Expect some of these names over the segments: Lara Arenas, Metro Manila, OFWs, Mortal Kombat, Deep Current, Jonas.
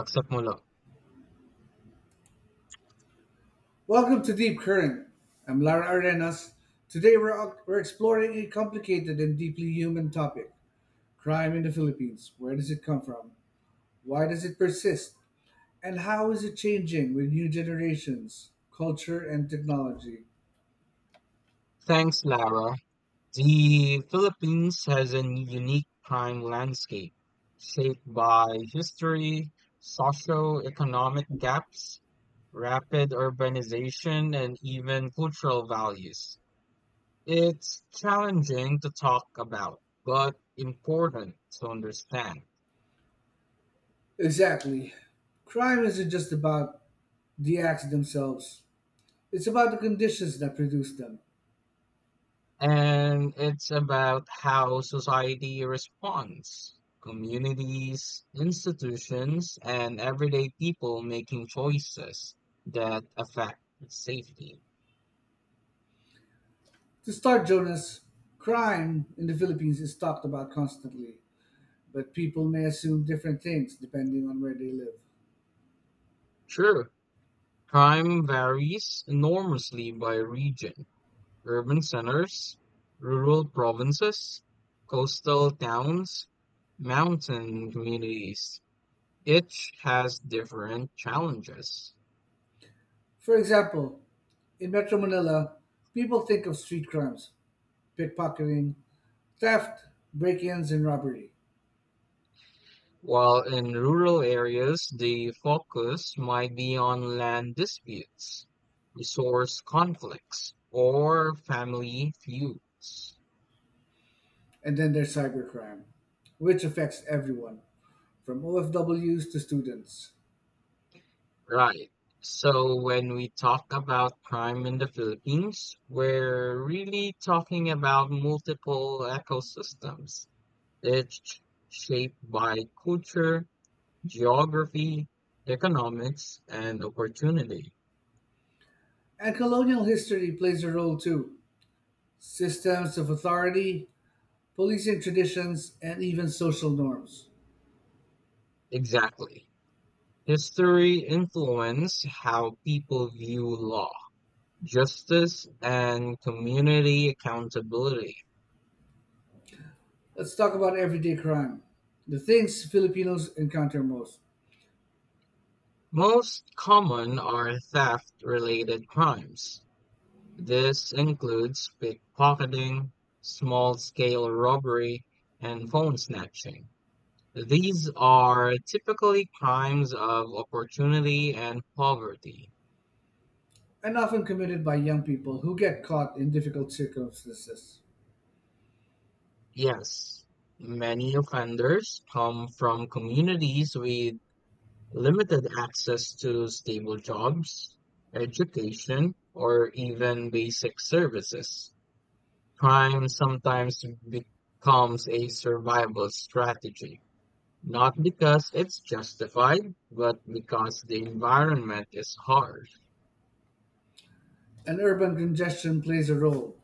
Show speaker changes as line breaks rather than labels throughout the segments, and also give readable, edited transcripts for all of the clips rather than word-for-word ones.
Aksamula.
Welcome to Deep Current. I'm Lara Arenas. Today we're exploring a complicated and deeply human topic, crime in the Philippines. Where does it come from? Why does it persist? And how is it changing with new generations, culture, and technology?
Thanks, Lara. The Philippines has a unique crime landscape shaped by history, socio-economic gaps, rapid urbanization, and even cultural values. It's challenging to talk about, but important to understand.
Exactly. Crime isn't just about the acts themselves, it's about the conditions that produce them.
And it's about how society responds, communities, institutions, and everyday people making choices that affect safety.
To start, Jonas, crime in the Philippines is talked about constantly, but people may assume different things depending on where they live.
Sure, crime varies enormously by region. Urban centers, rural provinces, coastal towns, mountain communities. Each has different challenges.
For example, in Metro Manila, people think of street crimes, pickpocketing, theft, break ins, and robbery.
While in rural areas, the focus might be on land disputes, resource conflicts, or family feuds.
And then there's cybercrime, which affects everyone, from OFWs to students.
Right. So when we talk about crime in the Philippines, we're really talking about multiple ecosystems. It's shaped by culture, geography, economics, and opportunity.
And colonial history plays a role too, systems of authority, policing traditions, and even social norms.
Exactly. History influenced how people view law, justice, and community accountability.
Let's talk about everyday crime, the things Filipinos encounter most,
Most common are theft-related crimes. This includes pickpocketing, small-scale robbery, and phone snatching. These are typically crimes of opportunity and poverty.
and often committed by young people who get caught in difficult circumstances.
Yes, many offenders come from communities with limited access to stable jobs, education, or even basic services. Crime sometimes becomes a survival strategy, not because it's justified, but because the environment is harsh.
And urban congestion plays a role.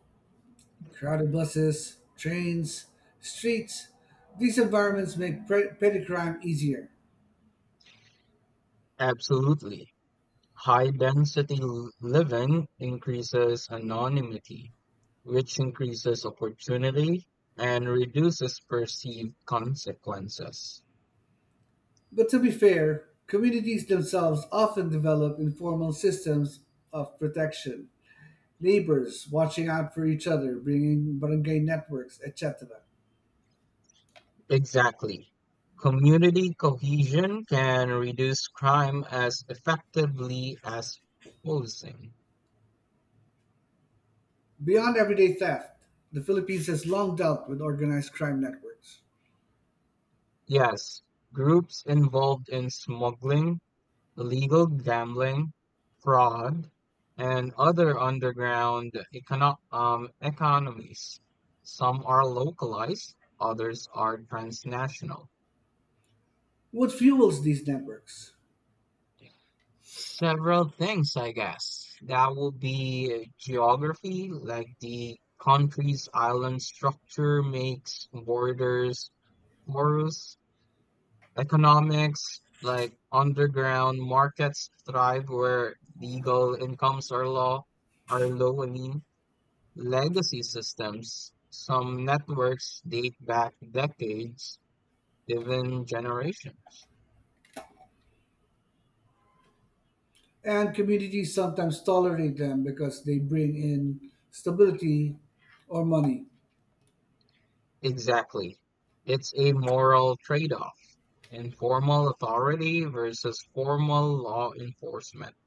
Crowded buses, trains, streets, these environments make petty crime easier.
Absolutely. High density living increases anonymity, which increases opportunity and reduces perceived consequences.
But to be fair, communities themselves often develop informal systems of protection. Neighbors watching out for each other, bringing barangay networks, etc.
Exactly. Community cohesion can reduce crime as effectively as policing.
Beyond everyday theft, the Philippines has long dealt with organized crime networks.
Yes, groups involved in smuggling, illegal gambling, fraud, and other economies. Some are localized, others are transnational.
What fuels these networks?
Several things, I guess. That would be geography, like the country's island structure makes borders porous. Economics, like underground markets thrive where legal incomes are low. I mean, legacy systems. Some networks date back decades, even generations.
And communities sometimes tolerate them because they bring in stability or money.
Exactly. It's a moral trade-off. Informal authority versus formal law enforcement.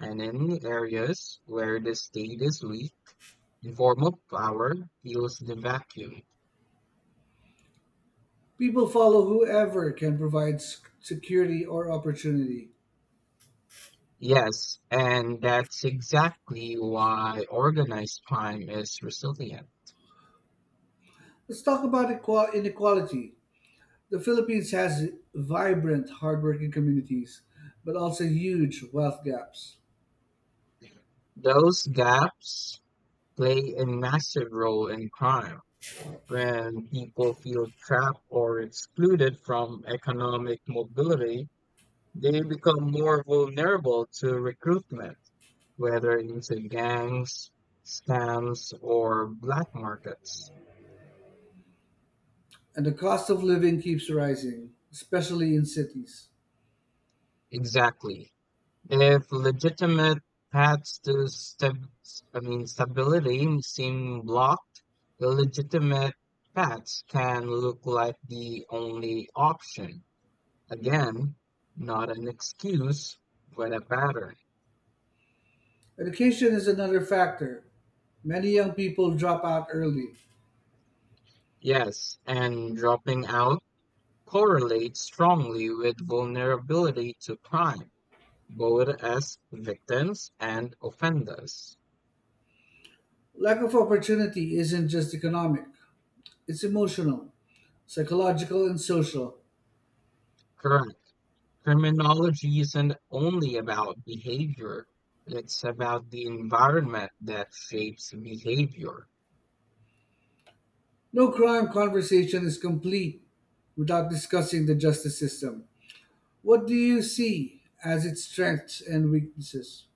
And in areas where the state is weak, informal power fills the vacuum.
People follow whoever can provide security or opportunity.
Yes, and that's exactly why organized crime is resilient.
Let's talk about inequality. The Philippines has vibrant, hardworking communities, but also huge wealth gaps.
Those gaps play a massive role in crime. When people feel trapped or excluded from economic mobility, they become more vulnerable to recruitment whether into gangs, scams, or black markets.
And the cost of living keeps rising, especially in cities.
Exactly. If legitimate paths to stab- I mean stability seem blocked, illegitimate paths can look like the only option. Again, not an excuse, but a pattern.
Education is another factor. Many young people drop out early.
Yes, and dropping out correlates strongly with vulnerability to crime, both as victims and offenders.
Lack of opportunity isn't just economic, it's emotional, psychological, and social.
Correct. Criminology isn't only about behavior, it's about the environment that shapes behavior.
No crime conversation is complete without discussing the justice system. What do you see as its strengths and weaknesses?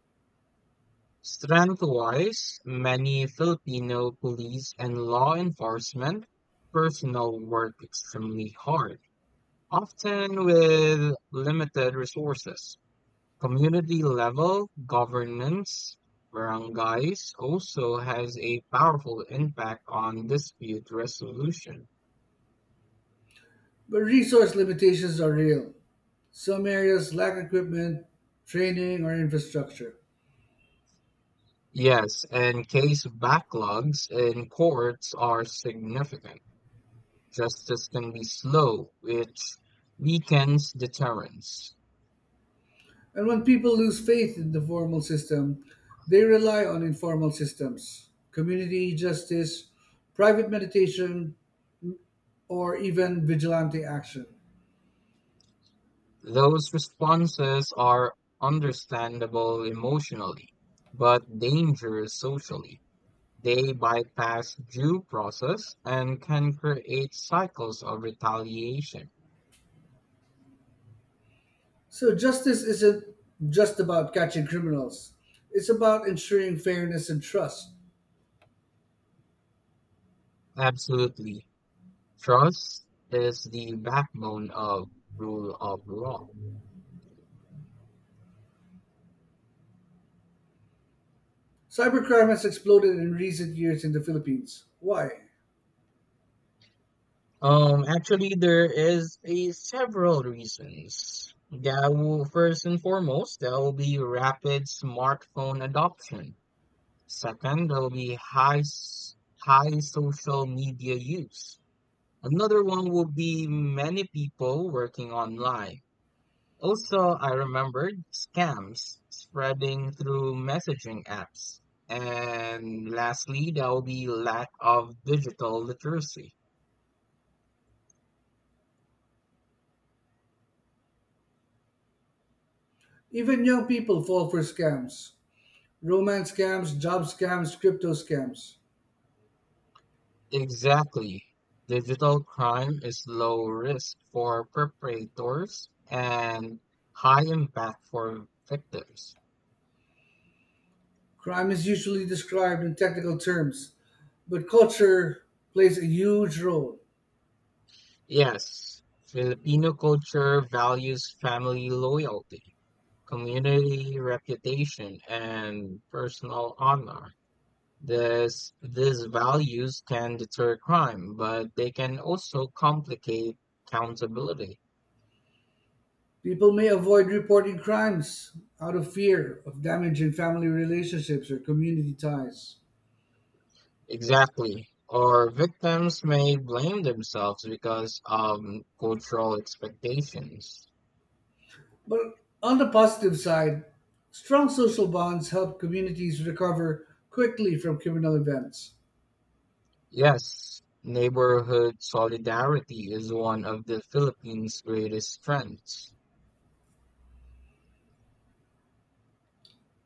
Strength wise, many Filipino police and law enforcement personnel work extremely hard, often with limited resources. Community level governance barangays also has a powerful impact on dispute resolution.
But resource limitations are real. Some areas lack equipment, training, or infrastructure.
Yes, and case backlogs in courts are significant. Justice can be slow, which weakens deterrence.
And when people lose faith in the formal system, they rely on informal systems, community justice, private meditation, or even vigilante action.
Those responses are understandable emotionally, but dangerous socially. They bypass due process and can create cycles of retaliation.
So justice isn't just about catching criminals. It's about ensuring fairness and trust.
Absolutely. Trust is the backbone of rule of law.
Cybercrime has exploded in recent years in the Philippines. Why?
Actually, there is a several reasons. That will, first and foremost, there will be rapid smartphone adoption. Second, there will be high social media use. Another one will be many people working online. Also, I remembered scams spreading through messaging apps. And lastly, there will be lack of digital literacy.
Even young people fall for scams. Romance scams, job scams, crypto scams.
Exactly. Digital crime is low risk for perpetrators and high impact for victims.
Crime is usually described in technical terms, but culture plays a huge role.
Yes, Filipino culture values family loyalty, community reputation, and personal honor. These values can deter crime, but they can also complicate accountability.
People may avoid reporting crimes out of fear of damaging family relationships or community ties.
Exactly. Or victims may blame themselves because of cultural expectations.
But on the positive side, strong social bonds help communities recover quickly from criminal events.
Yes, neighborhood solidarity is one of the Philippines' greatest strengths.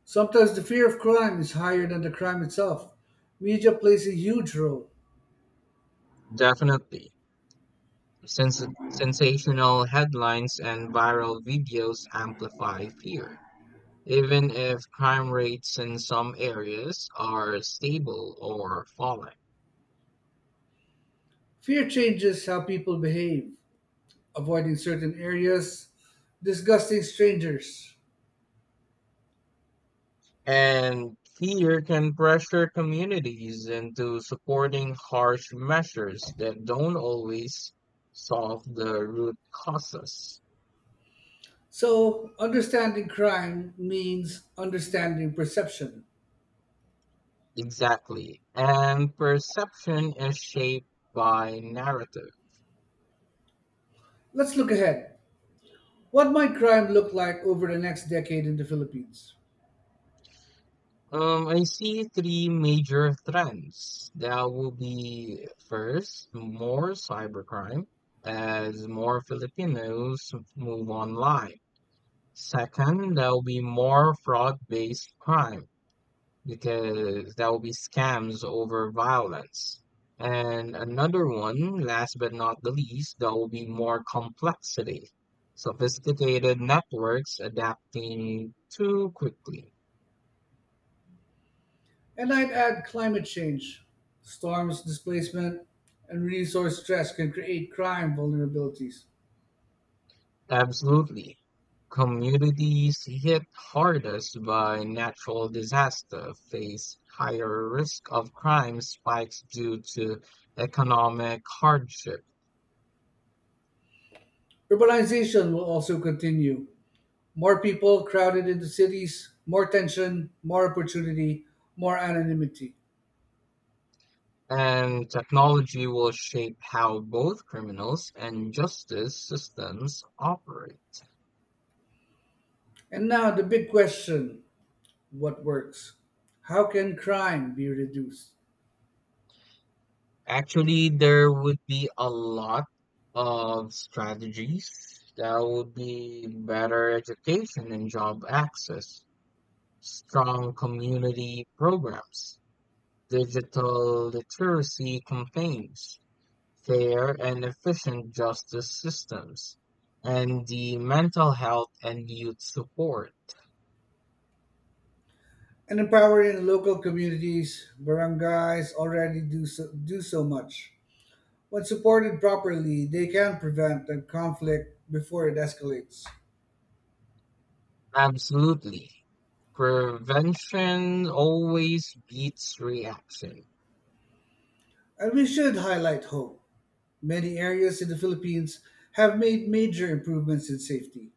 Sometimes the fear of crime is higher than the crime itself. Media plays a huge role.
Definitely. Sensational headlines and viral videos amplify fear, even if crime rates in some areas are stable or falling.
Fear changes how people behave, avoiding certain areas, disgusting strangers.
And fear can pressure communities into supporting harsh measures that don't always solve the root causes.
So, understanding crime means understanding perception.
Exactly. And perception is shaped by narrative.
Let's look ahead. What might crime look like over the next decade in the Philippines?
I see three major trends. That will be first, more cybercrime as more Filipinos move online. Second, there will be more fraud-based crime because there will be scams over violence. And another one, last but not the least, there will be more complexity. Sophisticated networks adapting too quickly.
And I'd add climate change. Storms, displacement, and resource stress can create crime vulnerabilities.
Absolutely. Communities hit hardest by natural disaster face higher risk of crime spikes due to economic hardship,
Urbanization will also continue. More people crowded into cities, more tension, more opportunity, more anonymity.
and technology will shape how both criminals and justice systems operate.
And now the big question, what works? How can crime be reduced?
Actually, there would be a lot of strategies that would be better education and job access, strong community programs, digital literacy campaigns, fair and efficient justice systems, and the mental health and youth support.
And empowering local communities, barangays already do so much. When supported properly, they can prevent the conflict before it escalates.
Absolutely. Prevention always beats reaction.
And we should highlight hope. Many areas in the Philippines have made major improvements in safety.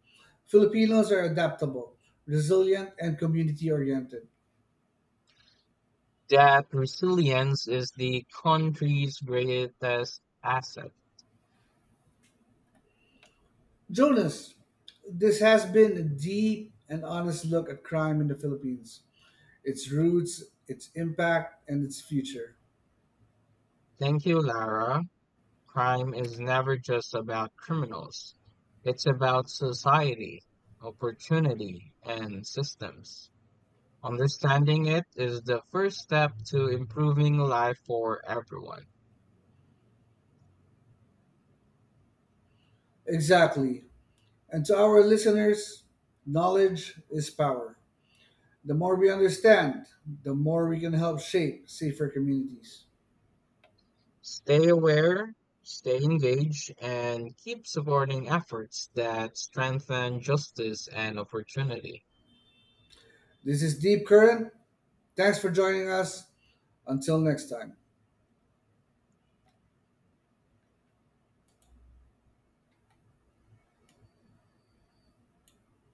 Filipinos are adaptable, resilient, and community oriented.
That resilience is the country's greatest asset.
Jonas, this has been a deep and honest look at crime in the Philippines, its roots, its impact, and its future.
Thank you, Lara. Crime is never just about criminals. It's about society, opportunity, and systems. Understanding it is the first step to improving life for everyone.
Exactly. And to our listeners, knowledge is power. The more we understand, the more we can help shape safer communities.
Stay aware, stay engaged, and keep supporting efforts that strengthen justice and opportunity.
This is Deep Current. Thanks for joining us. Until next time.